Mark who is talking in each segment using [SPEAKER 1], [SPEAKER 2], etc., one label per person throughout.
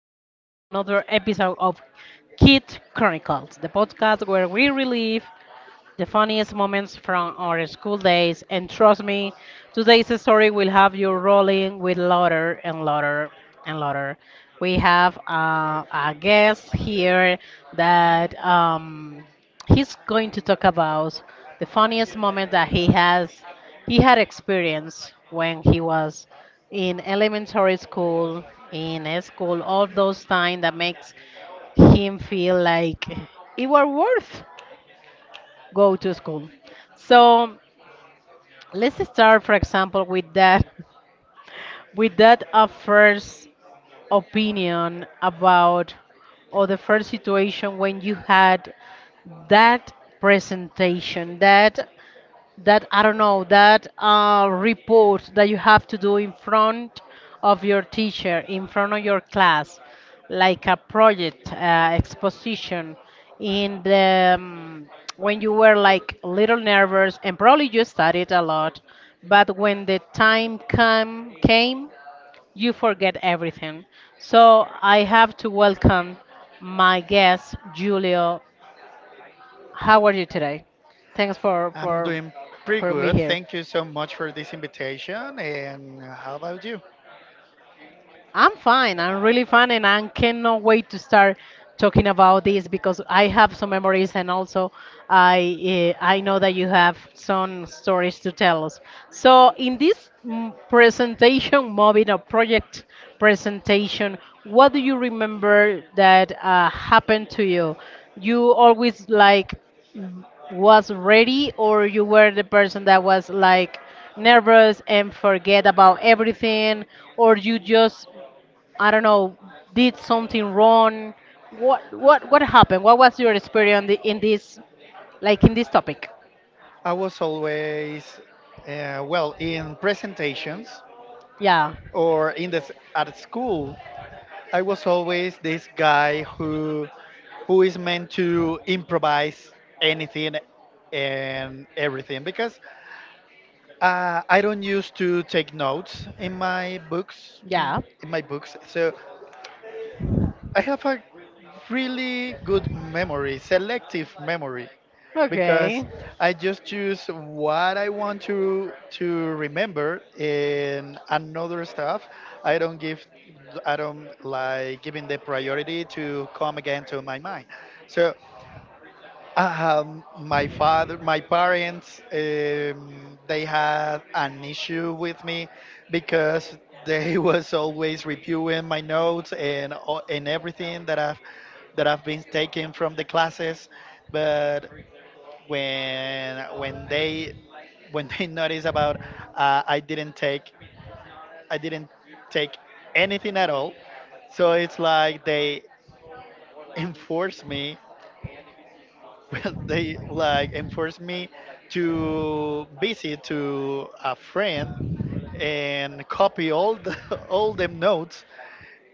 [SPEAKER 1] everyone, to another episode of Kid Chronicles, the podcast where we relive the funniest moments from our school days, and trust me, today's story will have you rolling with laughter and laughter and laughter. We have a guest here that he's going to talk about the funniest moment that he had experienced when he was in elementary school in a school all those time that makes him feel like it were worth go to school. So let's start, for example, with that, with that first opinion about or the first situation when you had that presentation, that I don't know that report that you have to do in front of your teacher, in front of your class, like a project exposition. In the When you were like a little nervous and probably you studied a lot, but when the time come came, you forget everything. So I have to welcome my guest, Julio. How are you today? Thanks for
[SPEAKER 2] I'm
[SPEAKER 1] for
[SPEAKER 2] doing pretty
[SPEAKER 1] for me
[SPEAKER 2] good.
[SPEAKER 1] here.
[SPEAKER 2] Thank you so much for this invitation. And how about you?
[SPEAKER 1] I'm fine. I'm really fine, and I cannot wait to start talking about this because I have some memories, and also I know that you have some stories to tell us. So in this presentation, moving or project presentation, what do you remember that happened to you? You always like was ready, or you were the person that was like nervous and forget about everything, or you just, I don't know, did something wrong? What happened? What was your experience in this topic?
[SPEAKER 2] I was always, well, in presentations
[SPEAKER 1] Yeah.
[SPEAKER 2] or in the at school, I was always this guy who is meant to improvise anything and everything because I don't used to take notes in my books.
[SPEAKER 1] Yeah.
[SPEAKER 2] In my books, so I have a really good memory, selective memory, because
[SPEAKER 1] Okay.
[SPEAKER 2] I just choose what I want to remember and another stuff. I don't give, I don't like giving the priority to come again to my mind. So my father, my parents, they had an issue with me because they was always reviewing my notes and everything that I've been taking from the classes. But when they when they noticed about, I didn't take, I didn't take anything at all, so it's like they enforced me, well they like enforced me to visit to a friend and copy all the all them notes,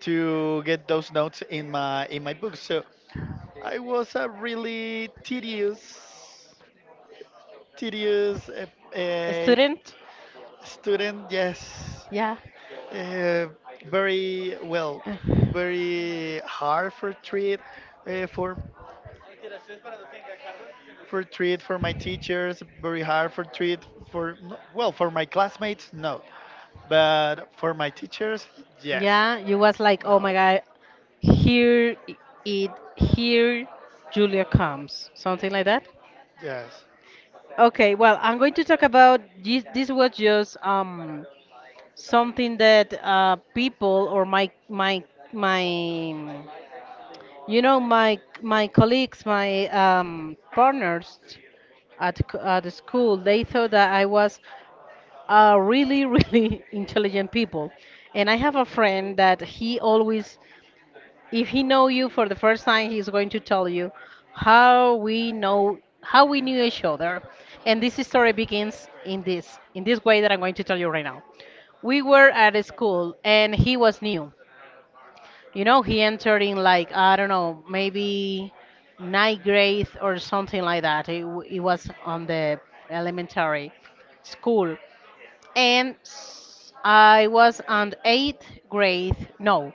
[SPEAKER 2] to get those notes in my book. So I was a really tedious
[SPEAKER 1] A
[SPEAKER 2] uh,
[SPEAKER 1] student?
[SPEAKER 2] student, yes.
[SPEAKER 1] Yeah.
[SPEAKER 2] uh, Very well, very hard for treat, uh, for for treat for my teachers. Very hard for treat for well, for my classmates no, but for my teachers, yes.
[SPEAKER 1] Yeah, you was like, "Oh
[SPEAKER 2] Well,
[SPEAKER 1] my God, here I- it here Julia comes." Something like that?
[SPEAKER 2] yes.
[SPEAKER 1] Okay, well, I'm going to talk about this. This was just something that people, or my my colleagues, my partners at the school, they thought that I was a really, really intelligent people. And I have a friend that he always, if he know you for the first time, he's going to tell you how we knew each other. And this story begins in this way that I'm going to tell you right now. We were at a school, and he was new, he entered in like, I don't know, maybe ninth grade or something like that. It was on the elementary school. And I was on eighth grade. No,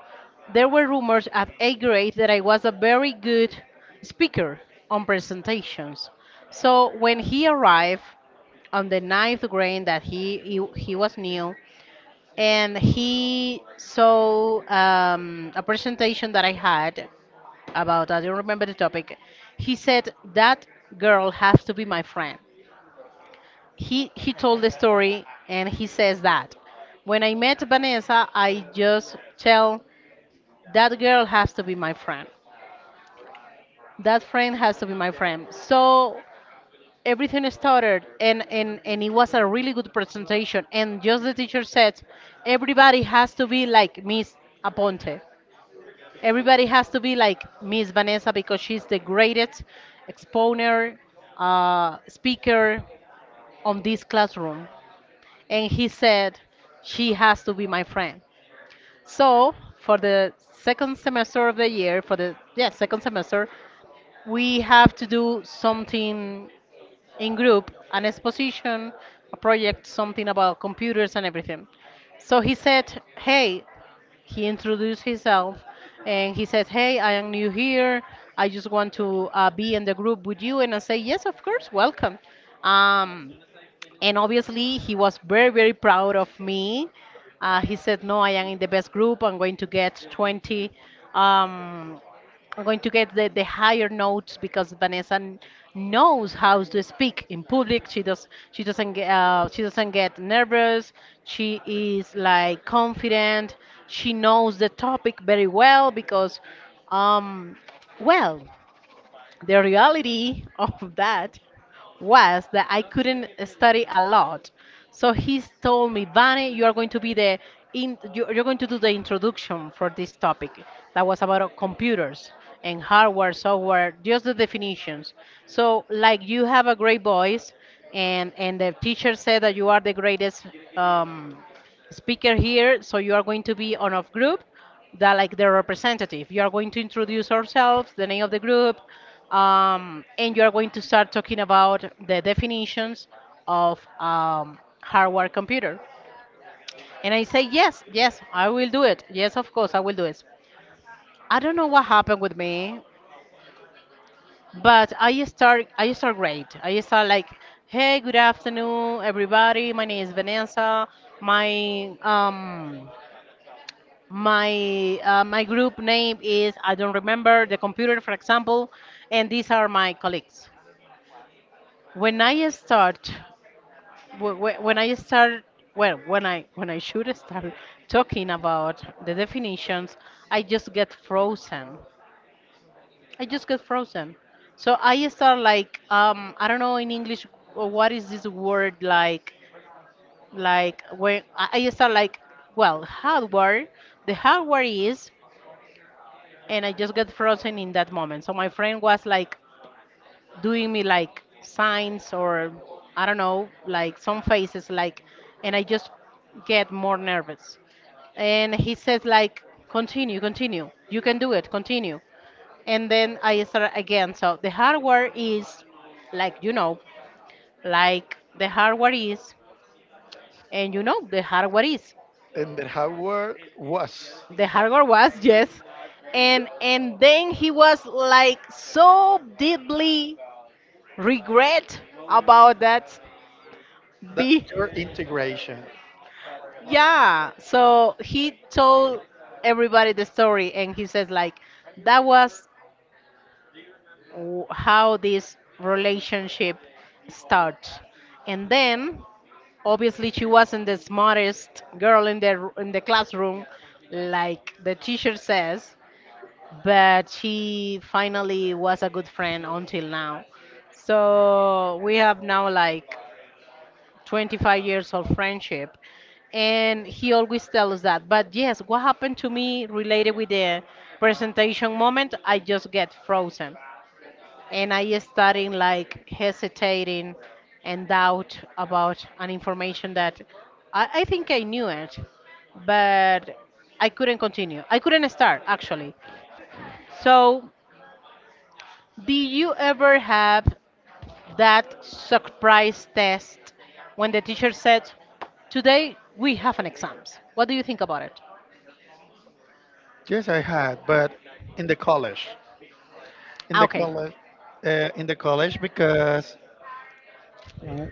[SPEAKER 1] there were rumors at eighth grade that I was a very good speaker on presentations. So when he arrived on the ninth grade that he was new, and he saw a presentation that I had about, I don't remember the topic. He said, "That girl has to be my friend." He told the story and he says that. When I met Vanessa, I just tell that girl has to be my friend. That friend has to be my friend. So everything started, and it was a really good presentation. And just the teacher said, everybody has to be like Miss Aponte. Everybody has to be like Miss Vanessa because she's the greatest exponer, speaker on this classroom. And he said, she has to be my friend. So for the second semester of the year, for the second semester, we have to do something in group, an exposition, a project, something about computers and everything. So he said, hey, he introduced himself and he said, "Hey, I am new here. I just want to be in the group with you." And I say, "Yes, of course, welcome." Um, and obviously, he was very, very proud of me. He said, "No, I am in the best group. I'm going to get 20, um, I'm going to get the higher notes because Vanessa knows how to speak in public. She does. She doesn't get. She doesn't get nervous. She is like confident. She knows the topic very well because, um, well, the reality of that was that I couldn't study a lot." So he told me, "Vane, you are going to be the in, you're going to do the introduction for this topic that was about computers and hardware, software, just the definitions. So like you have a great voice, and the teacher said that you are the greatest Um, speaker here. So you are going to be on of group, that like the representative. You are going to introduce ourselves, the name of the group, and you are going to start talking about the definitions of hardware computer." And I say yes, yes, I will do it. Yes, of course, I will do it. I don't know what happened with me, but I start great. I start like, "Hey, good afternoon, everybody. My name is Vanessa. My um my group name is, I don't remember, the computer, for example, and these are my colleagues." When I start, when I start, well, when I should start talking about the definitions, I just get frozen. I just get frozen. So I start like, I don't know in English what is this word, like, when I start like, well, "Hardware. The hardware is," and I just got frozen in that moment. So my friend was like doing me like signs, or I don't know, like some faces, like, and I just get more nervous. And he says like, "Continue, continue. You can do it, continue." And then I start again. So, "The hardware is, like, you know, like the hardware is, and you know the hardware is."
[SPEAKER 2] And then how were, was
[SPEAKER 1] The hardware was yes. And then he was like so deeply regret about that
[SPEAKER 2] that
[SPEAKER 1] be
[SPEAKER 2] your integration?
[SPEAKER 1] yeah, so he told everybody the story and he says like, "That was w- how this relationship starts." And then obviously she wasn't the smartest girl in the in the classroom like the teacher says, but she finally was a good friend until now. So we have now like 25 years of friendship, and he always tells that. But yes, what happened to me related with the presentation moment, I just get frozen and I starting like hesitating and doubt about an information that I think I knew it, but I couldn't continue. I couldn't start actually. So, did you ever have that surprise test when the teacher said, "Today we have an exams. What do you think about it?"
[SPEAKER 2] Yes, I had, but in the college. In
[SPEAKER 1] "Ah,
[SPEAKER 2] the
[SPEAKER 1] okay."
[SPEAKER 2] college. Because, w-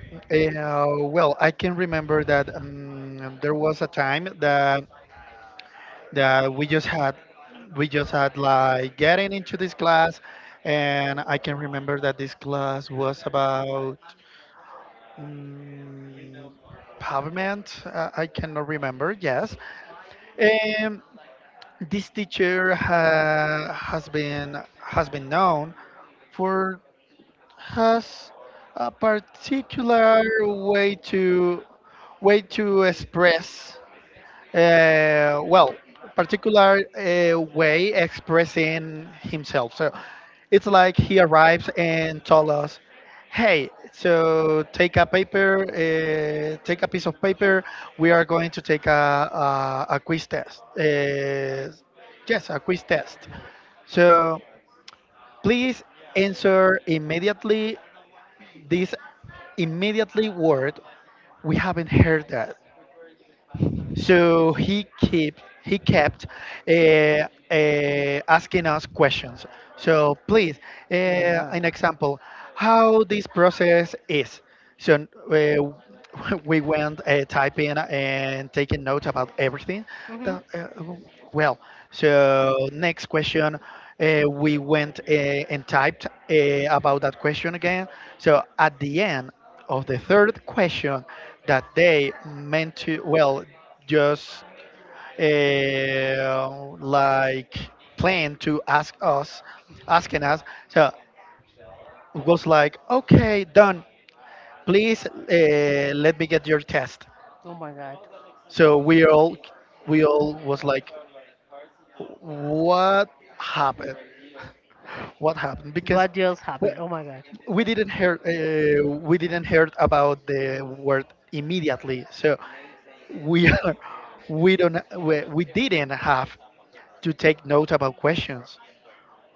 [SPEAKER 2] well, I can remember that, there was a time that, we just had, we just had like getting into this class. And I can remember that this class was about, mm, pavement, I cannot remember. Yes. And this teacher has been, has been known for, has a particular way to, express, well, particular, way expressing himself. So it's like he arrives and told us, "Hey, so take a paper, take a piece of paper. We are going to take a quiz test. Yes, a quiz test. So please answer immediately this, immediately word. We haven't heard that." So he kept, uh, uh, asking us questions. So, "Please, uh,
[SPEAKER 1] Oh my god.
[SPEAKER 2] an example, how this process is." So we went, typing and taking notes about everything.
[SPEAKER 1] Hmm.
[SPEAKER 2] That, well, so next question, we went, and typed, about that question again. So at the end of the third question, that they meant to, well, just, like plan to ask us, asking us. So it was like, "Okay, done, please, let me get your test."
[SPEAKER 1] Oh my god.
[SPEAKER 2] So we all, was like, "What happened? What happened?" Because
[SPEAKER 1] What just
[SPEAKER 2] we,
[SPEAKER 1] happened? Oh my god.
[SPEAKER 2] we didn't hear, we didn't heard about the word immediately. So we are, we didn't have to take note about questions.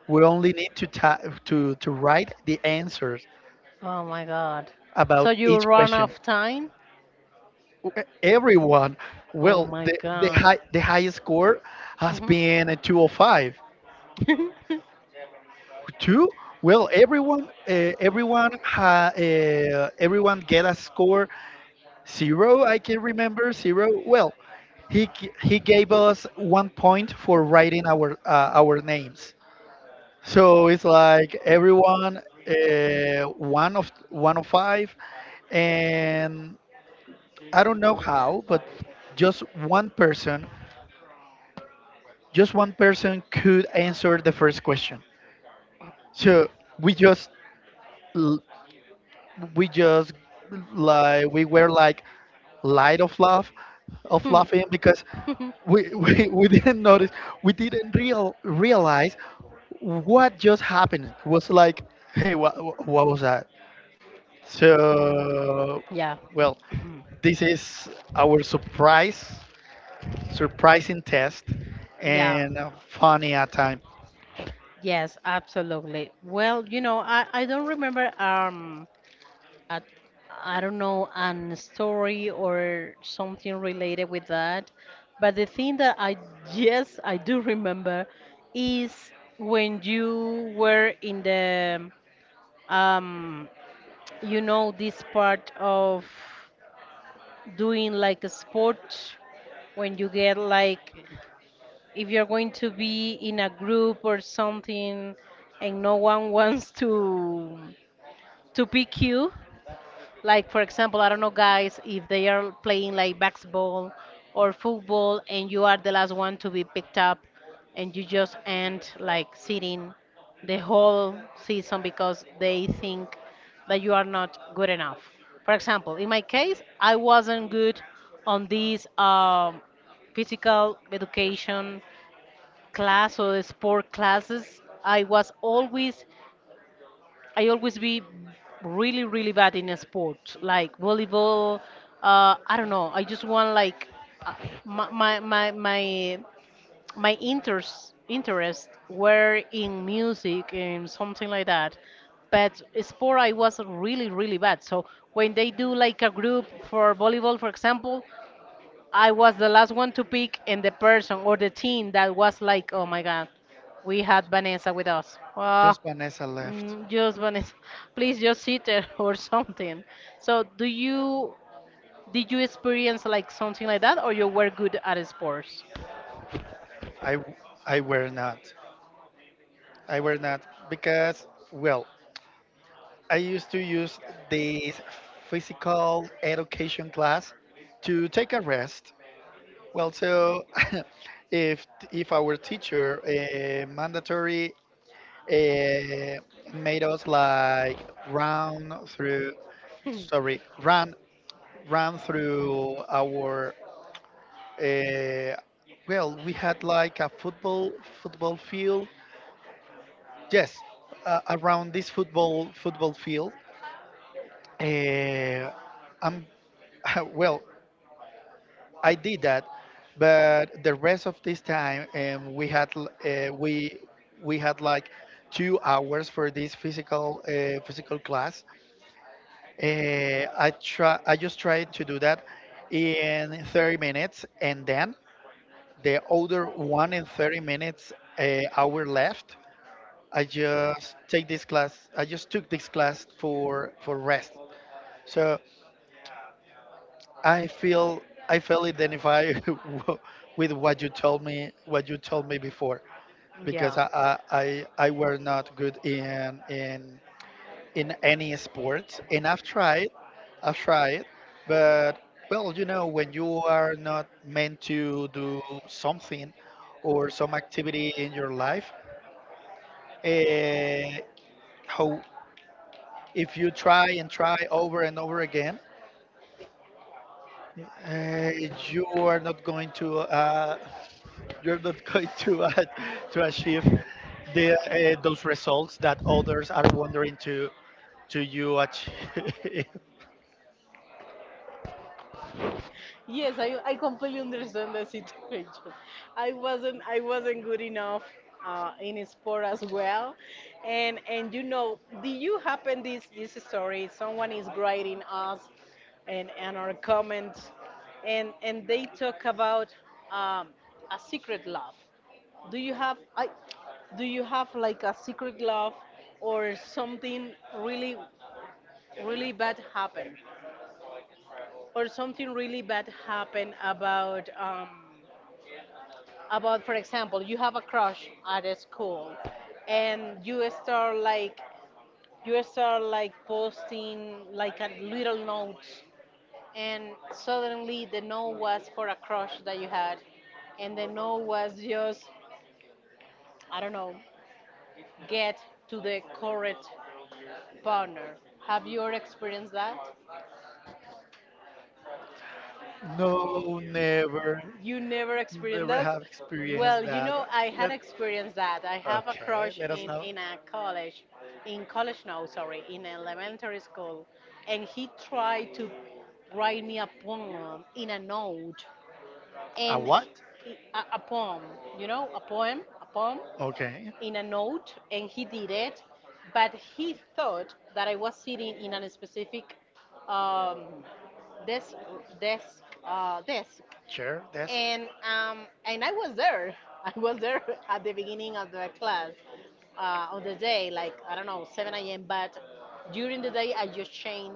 [SPEAKER 2] We only need to to write the answers
[SPEAKER 1] Oh my god. So
[SPEAKER 2] about
[SPEAKER 1] you
[SPEAKER 2] each
[SPEAKER 1] run
[SPEAKER 2] question.
[SPEAKER 1] off time?
[SPEAKER 2] Everyone.
[SPEAKER 1] Oh
[SPEAKER 2] Well,
[SPEAKER 1] my
[SPEAKER 2] the
[SPEAKER 1] god.
[SPEAKER 2] high the highest score has
[SPEAKER 1] Mhm.
[SPEAKER 2] been a 205. Two? Well, everyone, everyone get a score zero. I can remember zero. Well, he gave us 1 point for writing our, our names. So it's like everyone, one of, five. And I don't know how, but just one person, could answer the first question. So we just, l- we just like, we were like light of laugh of
[SPEAKER 1] Hmm.
[SPEAKER 2] laughing, because we, we didn't notice, we didn't realize what just happened. It was like, "Hey, what was that?" So,
[SPEAKER 1] Yeah.
[SPEAKER 2] well, this is our surprise surprising test,
[SPEAKER 1] Yeah.
[SPEAKER 2] and a funny at time.
[SPEAKER 1] Yes, absolutely. Well, I don't remember. At I don't know an story or something related with that. But the thing that I, yes, I do remember is when you were in the um this part of doing like a sport, when you get like, if you're going to be in a group or something, and no one wants to pick you. Like for example, I don't know, guys, if they are playing like basketball or football, and you are the last one to be picked up, and you just end like sitting the whole season because they think that you are not good enough. For example, in my case, I wasn't good on this physical education class or the sport classes. I always be really, really bad in a sport, like volleyball. I don't know. I just want like uh, my my my my my interest were in music and something like that. But sport, I was really, really bad. So when they do like a group for volleyball, for example, I was the last one to pick, and the person or the team that was like, "Oh my God, we had Vanessa with us. Well,
[SPEAKER 2] Just Vanessa left.
[SPEAKER 1] just Vanessa, please just sit there or something." So, do you did you experience like something like that, or you were good at sports?
[SPEAKER 2] I w- I were not. I were not because, well, I used to use this physical education class to take a rest. Well, so if if our teacher, mandatory, uh, made us like round through, sorry, run, through our, uh, well, we had like a football field. Yes, around this football field, uh, I'm well, I did that. But the rest of this time, we had we had like 2 hours for this physical, physical class. Uh, I just tried to do that in 30 minutes, and then the other one in 30 minutes, hour left. I just take this class, for rest. So I feel I feel identified with what you told me, before,
[SPEAKER 1] Yeah.
[SPEAKER 2] because I were not good in any sport. And I've tried, I've tried but, well, you know, when you are not meant to do something or some activity in your life, uh, how, if you try and try over and over again, uh, you are not going to, you're not going to, to achieve the, those results that others are wondering to, you achieve.
[SPEAKER 1] Yes, I completely understand the situation. I wasn't good enough in sport as well, and do you happen this story? Someone is grading us, and our comments, and they talk about um, a secret love. Do you have I do you have like a secret love or something really really bad happened? Or something really bad happened about for example you have a crush at a school and you start like posting like a little note, and suddenly the note was for a crush that you had, and the note was just, I don't know, get to the correct partner. Have you ever experienced that?
[SPEAKER 2] No, never,
[SPEAKER 1] You never experienced
[SPEAKER 2] never
[SPEAKER 1] this?
[SPEAKER 2] have experienced
[SPEAKER 1] Well, you
[SPEAKER 2] that.
[SPEAKER 1] know, I had
[SPEAKER 2] Let,
[SPEAKER 1] experienced that. I have a
[SPEAKER 2] okay,
[SPEAKER 1] crush
[SPEAKER 2] let us
[SPEAKER 1] in,
[SPEAKER 2] know.
[SPEAKER 1] in a college, in college, no, sorry, in elementary school. And he tried to write me a poem in a note.
[SPEAKER 2] A
[SPEAKER 1] And
[SPEAKER 2] what?
[SPEAKER 1] he, a poem, you know, a poem
[SPEAKER 2] Okay,
[SPEAKER 1] in a note. And he did it. But he thought that I was sitting in a specific um, desk, desk, desk
[SPEAKER 2] chair, desk.
[SPEAKER 1] and I was there. I was there at the beginning of the class, on the day, like I don't know, 7 a.m. But during the day, I just changed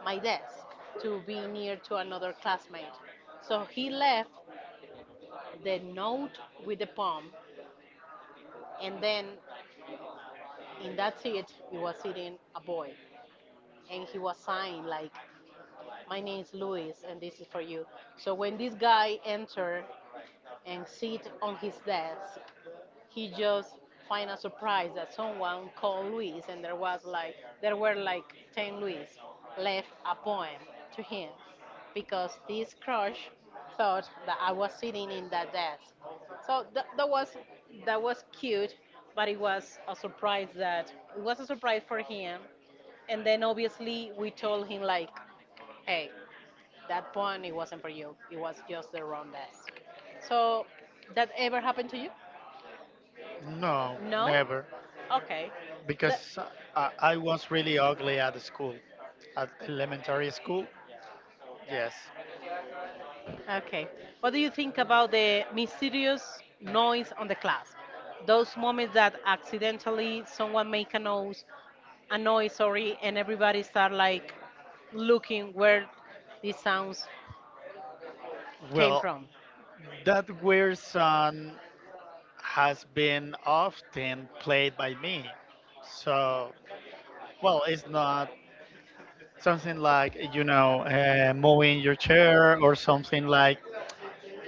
[SPEAKER 1] my desk to be near to another classmate. So he left the note with the poem, and then in that seat, he was sitting a boy, and he was signed like, "My name is Luis, and this is for you." So when this guy entered and sit on his desk, he just find a surprise that someone called Luis, and there was like there were like ten Luis left a poem to him, because this crush thought that I was sitting in that desk. So that was cute, but it was a surprise that it was a surprise for him. And then obviously we told him like, hey, that poem it wasn't for you. It was just the wrong desk. So that ever happened to you?
[SPEAKER 2] No,
[SPEAKER 1] No?
[SPEAKER 2] never,
[SPEAKER 1] Okay. The,
[SPEAKER 2] because, I was really ugly at the school, at elementary school. Yes.
[SPEAKER 1] okay. What do you think about the mysterious noise on the class? Those moments that accidentally someone make a noise, sorry, and everybody start like looking where these sounds came
[SPEAKER 2] Well,
[SPEAKER 1] from.
[SPEAKER 2] that were some, has been often played by me. So, well, it's not something like, you know, moving your chair or something. Like,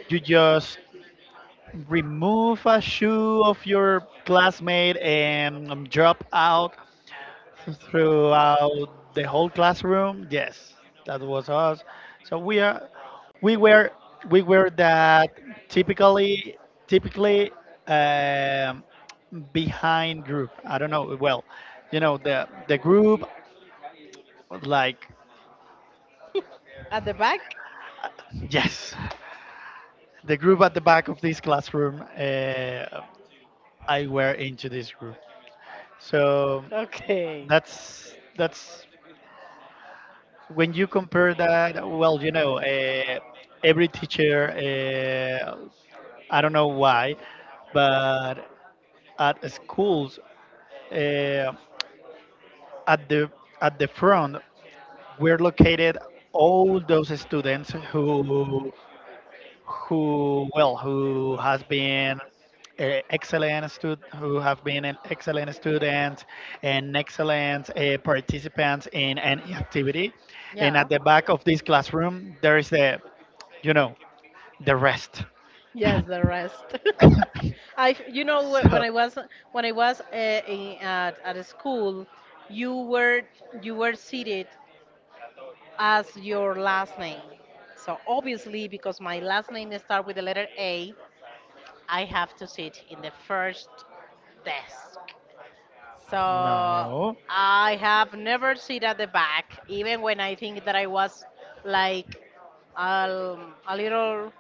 [SPEAKER 2] you just remove a shoe of your classmate and, drop out throughout the whole classroom. Yes, that was us. So we are, we were, we were that typically, typically um, behind group. I don't know. Well, you know the group, like,
[SPEAKER 1] At the back?
[SPEAKER 2] uh, yes, the group at the back of this classroom. I were into this group. So
[SPEAKER 1] Okay.
[SPEAKER 2] that's, when you compare that. Well, you know, every teacher, I don't know why, but at schools, uh, at the, front, we're located all those students who, who has been, uh, excellent who have been an excellent students, and excellent, participants in any activity. And
[SPEAKER 1] Yeah.
[SPEAKER 2] at the back of this classroom, there is a, you know, the rest.
[SPEAKER 1] Yes, the rest. I, you know,
[SPEAKER 2] So,
[SPEAKER 1] when I was in, at a school, you were you were seated as your last name. So obviously, because my last name starts with the letter A, I have to sit in the first desk. So
[SPEAKER 2] no.
[SPEAKER 1] I have never sit at the back, even when I think that I was like a little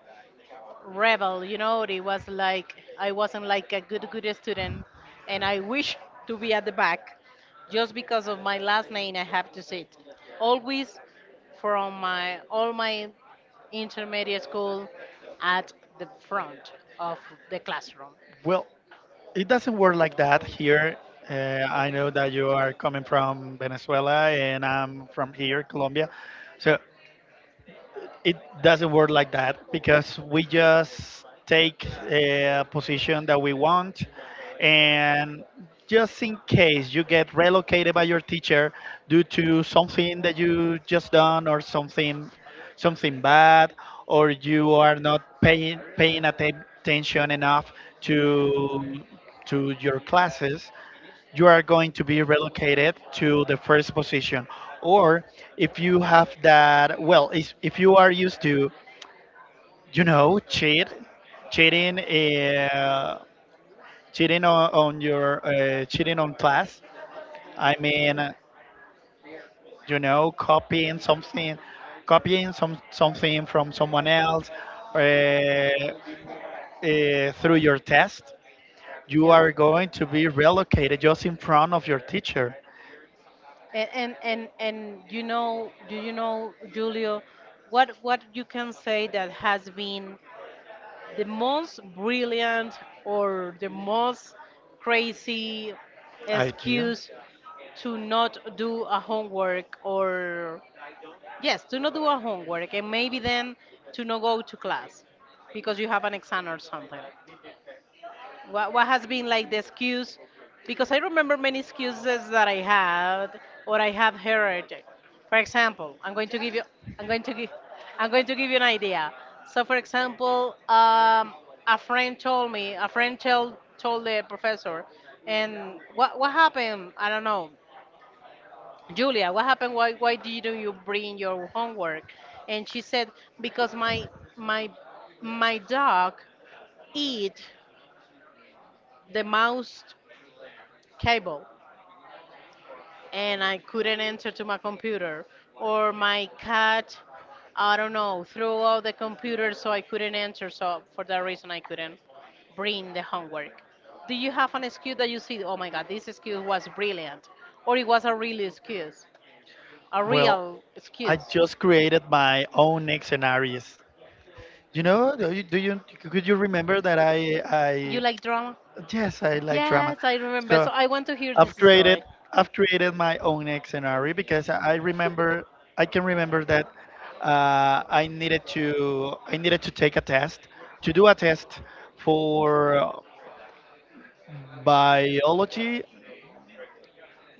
[SPEAKER 1] rebel, you know, it was like I wasn't like a good student, and I wish to be at the back. Just because of my last name, I have to sit always from my all my intermediate school at the front of the classroom.
[SPEAKER 2] Well, it doesn't work like that here. I know that you are coming from Venezuela, and I'm from here, Colombia. So it doesn't work like that, because we just take a position that we want. And just in case you get relocated by your teacher due to something that you just done, or something, something bad, or you are not paying attention enough to to your classes, you are going to be relocated to the first position. Or if you have that, well, if you are used to, you know, cheat, cheating, cheating on your, cheating on class. I mean, you know, copying something, copying some, something from someone else, uh, uh, through your test. You
[SPEAKER 1] Yeah.
[SPEAKER 2] are going to be relocated just in front of your teacher.
[SPEAKER 1] And you know, do you know, Julio, what you can say that has been the most brilliant or the most crazy
[SPEAKER 2] I do.
[SPEAKER 1] excuse to not do a homework or yes, to not do a homework and maybe then to not go to class because you have an exam or something. What has been like the excuse? Because I remember many excuses that I had or I have heard. For example, I'm going to give you, I'm going to give, I'm going to give you an idea. So, for example, a friend told me, a friend told the professor, and what happened? I don't know. Julia, what happened? Why didn't you bring your homework? And she said, because my my dog eat the mouse cable, and I couldn't enter to my computer, or my cat, I don't know, threw out the computer, so I couldn't enter. So for that reason, I couldn't bring the homework. Do you have an excuse that you see? Oh my God, this excuse was brilliant, or it was a real excuse, a
[SPEAKER 2] Well,
[SPEAKER 1] real
[SPEAKER 2] I
[SPEAKER 1] excuse.
[SPEAKER 2] just created my own next scenarios. You know, do you, could you remember that I
[SPEAKER 1] You
[SPEAKER 2] I
[SPEAKER 1] like drama?
[SPEAKER 2] yes, I like drama.
[SPEAKER 1] Yes, I remember.
[SPEAKER 2] So
[SPEAKER 1] So I want to hear this
[SPEAKER 2] I've created
[SPEAKER 1] story.
[SPEAKER 2] I've created my own next scenario, because I remember, I can remember that, I needed to take a test, to do a test for biology,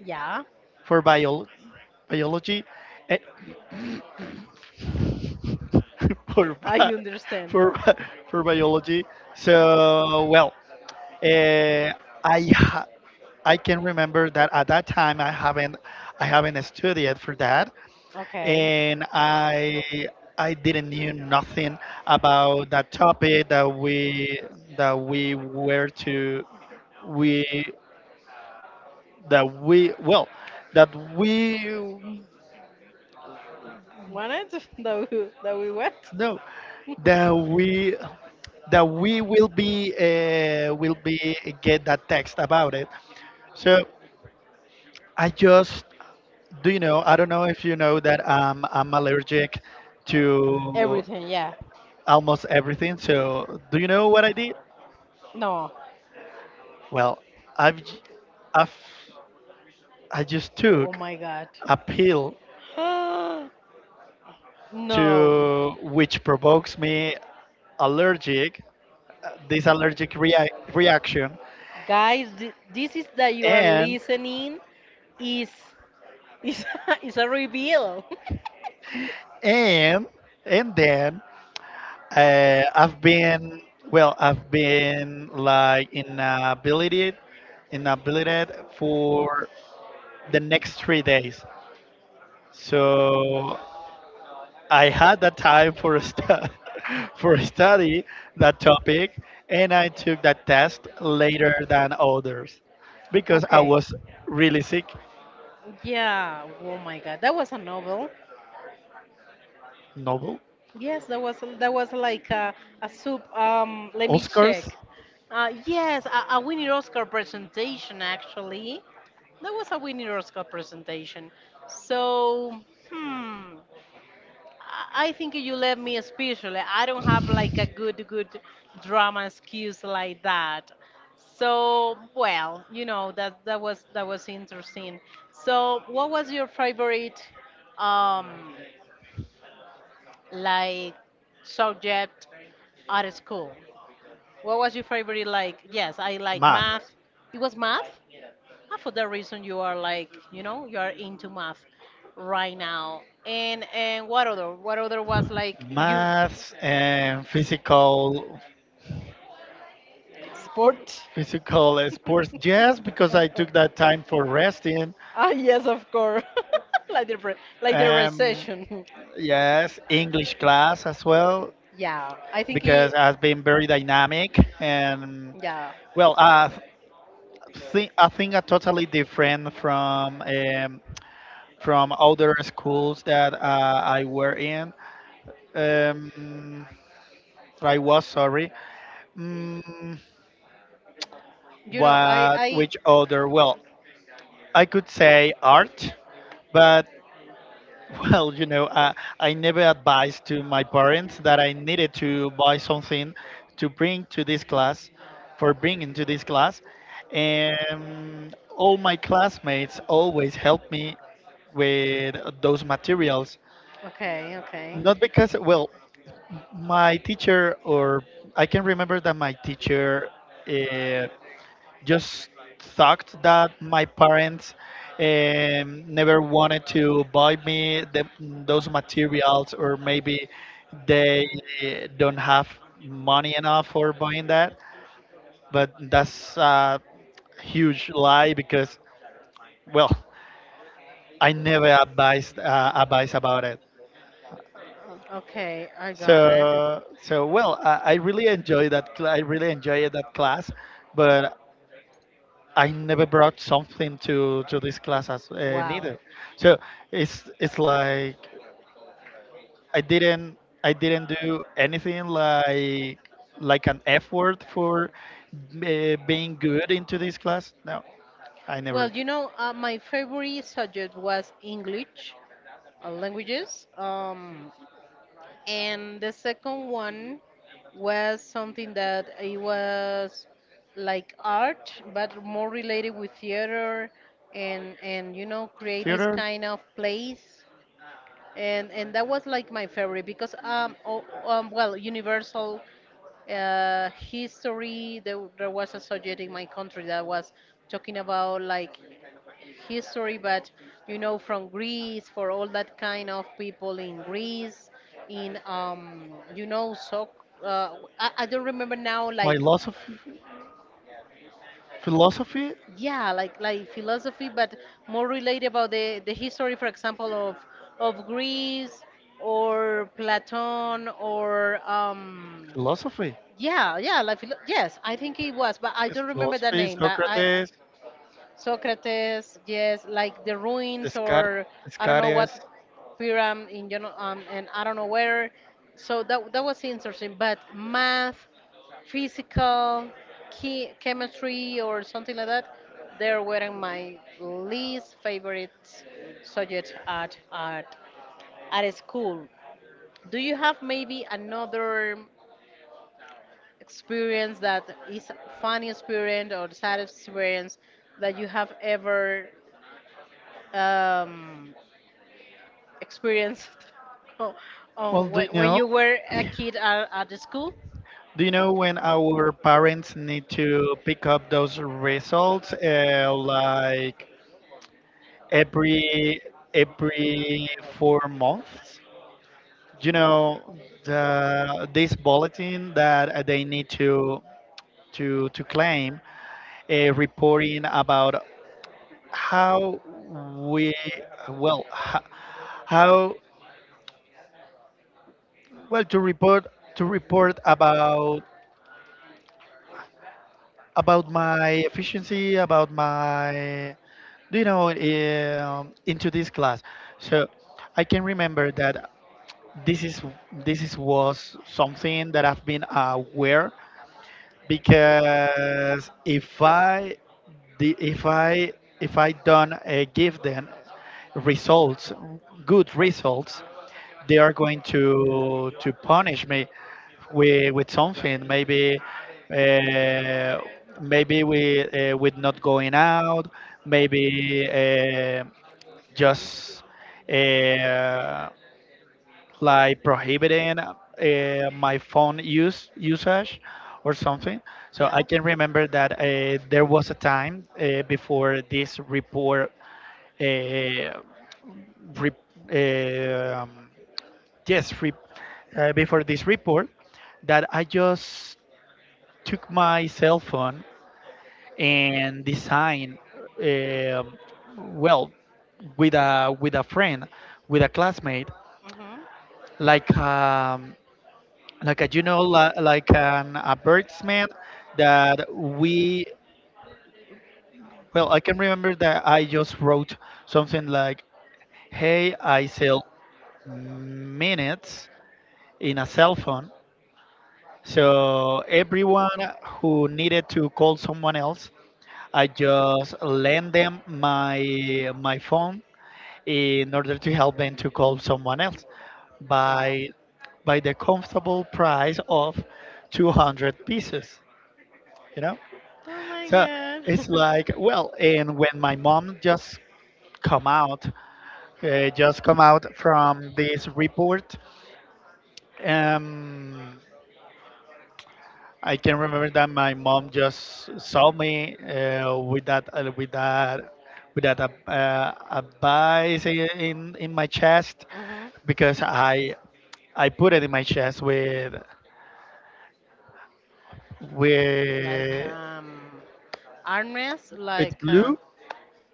[SPEAKER 1] Yeah,
[SPEAKER 2] for bio, biology, and. for
[SPEAKER 1] I
[SPEAKER 2] bi-
[SPEAKER 1] understand.
[SPEAKER 2] for bi- for biology. So well, uh, I ha- I can remember that at that time, I haven't, studied for that.
[SPEAKER 1] Okay.
[SPEAKER 2] And I didn't knew nothing about that topic that we were to we that we well that we
[SPEAKER 1] Wanted that we went?
[SPEAKER 2] no that we that we will be, get that text about it. So I just, do you know, I don't know if you know that, I'm allergic to
[SPEAKER 1] Everything, yeah.
[SPEAKER 2] almost everything. So do you know what I did?
[SPEAKER 1] No.
[SPEAKER 2] Well, I've j- I've I just
[SPEAKER 1] Oh
[SPEAKER 2] took
[SPEAKER 1] my god.
[SPEAKER 2] a pill
[SPEAKER 1] No.
[SPEAKER 2] to which provokes me allergic, this allergic reaction.
[SPEAKER 1] Guys, this is that you are
[SPEAKER 2] and
[SPEAKER 1] listening is is is a reveal.
[SPEAKER 2] and and then, I've been, well, I've been like inability, for the next 3 days. So I had that time for a for a study that topic, and I took that test later than others, because I
[SPEAKER 1] Okay.
[SPEAKER 2] was really sick.
[SPEAKER 1] Yeah. Oh my god. That was a novel.
[SPEAKER 2] Novel,
[SPEAKER 1] Yes, there was like a soup. Let me
[SPEAKER 2] Oscars,
[SPEAKER 1] check. Yes, a winning Oscar presentation actually. That was a winning Oscar presentation. So, hmm, I think you left me especially. I don't have like a good drama skills like that. So, well, you know that that was interesting. So, what was your favorite? Um, like subject at school? What was your favorite? Like, yes, I like
[SPEAKER 2] math,
[SPEAKER 1] math. It was math. And for that reason, you are like, you know, you are into math right now. And what other? What other was like you?
[SPEAKER 2] maths, and physical,
[SPEAKER 1] Sport.
[SPEAKER 2] physical sports, yes, because I took that time for resting.
[SPEAKER 1] Ah, yes, of course. like the re- like the
[SPEAKER 2] Um,
[SPEAKER 1] recession.
[SPEAKER 2] yes, English class as well,
[SPEAKER 1] Yeah, I think
[SPEAKER 2] because it
[SPEAKER 1] he.
[SPEAKER 2] has been very dynamic. And,
[SPEAKER 1] Yeah,
[SPEAKER 2] well, I think, are totally different from, from other schools that, I were in. Um, I was, sorry. Mm,
[SPEAKER 1] you know,
[SPEAKER 2] what
[SPEAKER 1] I.
[SPEAKER 2] which other? Well, I could say art, but, well, you know, I never advised to my parents that I needed to buy something to bring to this class, for bringing to this class, and all my classmates always helped me with those materials.
[SPEAKER 1] Okay, okay.
[SPEAKER 2] Not because, well, my teacher, or I can remember that my teacher, uh, just thought that my parents, never wanted to buy me the, those materials, or maybe they, don't have money enough for buying that. But that's a huge lie, because, well, I never advised, advice about it.
[SPEAKER 1] Okay, I got it.
[SPEAKER 2] So, so well, I really enjoy that I really enjoyed that class, but I never brought something to this class as,
[SPEAKER 1] Wow.
[SPEAKER 2] neither. So it's like I didn't do anything like an F word for, being good into this class. No, I never.
[SPEAKER 1] Well, you
[SPEAKER 2] Did.
[SPEAKER 1] know, my favorite subject was English, languages. And the second one was something that it was like art, but more related with theater, and you know, create this
[SPEAKER 2] Theater,
[SPEAKER 1] kind of plays. And that was like my favorite because well, Universal history. There was a subject in my country that was talking about like history, but you know, from Greece, for all that kind of people in Greece, in you know, so uh, I don't remember now, like
[SPEAKER 2] philosophy, philosophy,
[SPEAKER 1] yeah, like philosophy, but more related about the history, for example, of Greece or Platon or
[SPEAKER 2] philosophy,
[SPEAKER 1] Yeah, yeah, yes, I think it was, but I don't remember the
[SPEAKER 2] philosophy.
[SPEAKER 1] name. But I-
[SPEAKER 2] Socrates,
[SPEAKER 1] Socrates, yes, like the ruins or
[SPEAKER 2] Descartes,
[SPEAKER 1] I don't know what
[SPEAKER 2] Descartes.
[SPEAKER 1] pyramid in you know, and I don't know where. So that that was interesting. But math, physical, key, chemistry or something like that, they were my least favorite subject at school. Do you have maybe another experience that is funny experience or sad experience that you have ever um, experienced on,
[SPEAKER 2] Well,
[SPEAKER 1] on
[SPEAKER 2] do you
[SPEAKER 1] when
[SPEAKER 2] know,
[SPEAKER 1] you were a kid at the school?
[SPEAKER 2] do you know when our parents need to pick up those results? Like every every 4 months. You know the, this bulletin that, they need to, to claim, reporting about how we, well, how, well, to report, to report about about my efficiency, about my, do you know, into this class. So I can remember that this is, was something that I've been aware, because, if I, if I don't, give them results, good results, they are going to, punish me with something. Maybe, uh, maybe we, with not going out, maybe, just, uh, like prohibiting, my phone use usage or something. So I
[SPEAKER 1] Yeah.
[SPEAKER 2] can remember that, there was a time, before this report, uh, re- um, yes, re- before this report, that I just took my cell phone and designed, um, well, with a, friend, with a classmate,
[SPEAKER 1] Hmm.
[SPEAKER 2] like, like a, you know, like an a birdsman, that we, well, I can remember that I just wrote something like, "Hey, I sell minutes in a cell phone." So everyone who needed to call someone else, I just lend them my phone in order to help them to call someone else
[SPEAKER 1] Wow.
[SPEAKER 2] by, the comfortable price of 200 pieces, you know?
[SPEAKER 1] Oh my
[SPEAKER 2] So it's
[SPEAKER 1] god.
[SPEAKER 2] like, well, and when my mom just come out, from this report, um, I can remember that my mom just saw me, with that, advice in my chest,
[SPEAKER 1] Mhm.
[SPEAKER 2] because I put it in my chest with,
[SPEAKER 1] Like
[SPEAKER 2] with
[SPEAKER 1] armrest
[SPEAKER 2] with
[SPEAKER 1] like
[SPEAKER 2] glue,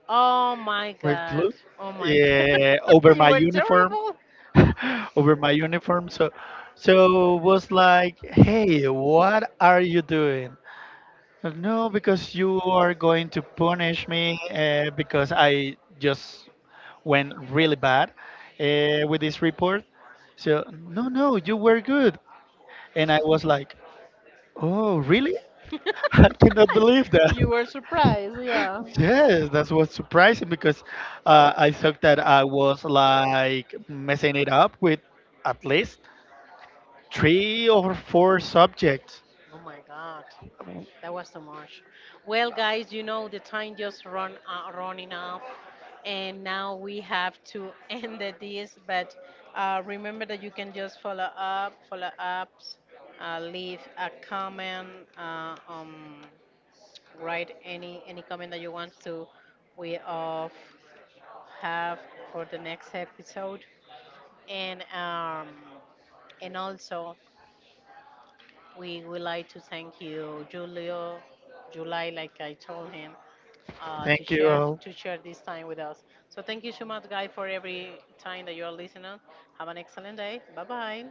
[SPEAKER 1] oh my
[SPEAKER 2] with
[SPEAKER 1] god.
[SPEAKER 2] glue
[SPEAKER 1] Oh my god.
[SPEAKER 2] over
[SPEAKER 1] You
[SPEAKER 2] my
[SPEAKER 1] were
[SPEAKER 2] uniform,
[SPEAKER 1] terrible.
[SPEAKER 2] over my uniform. So, so it was like, "Hey, what are you doing? No, because you are going to punish me, because I just went really bad, with this report." "So, no, no, you were good." And I was like, "Oh, really? I cannot believe that."
[SPEAKER 1] You were surprised, yeah.
[SPEAKER 2] Yes, that was surprising, because, I thought that I was like messing it up with at least 3 or 4 subjects.
[SPEAKER 1] Oh my God, that was so much. Well, guys, you know the time just run running off, and now we have to end the this. But remember that you can just follow up, follow ups, leave a comment, uh, um, write any comment that you want to we of have for the next episode, and um, and also. We would like to thank you, Julio, July, like I told him,
[SPEAKER 2] Thank you all.
[SPEAKER 1] to share this time with us. So thank you so much, guys, for every time that you are listening. Have an excellent day. Bye bye.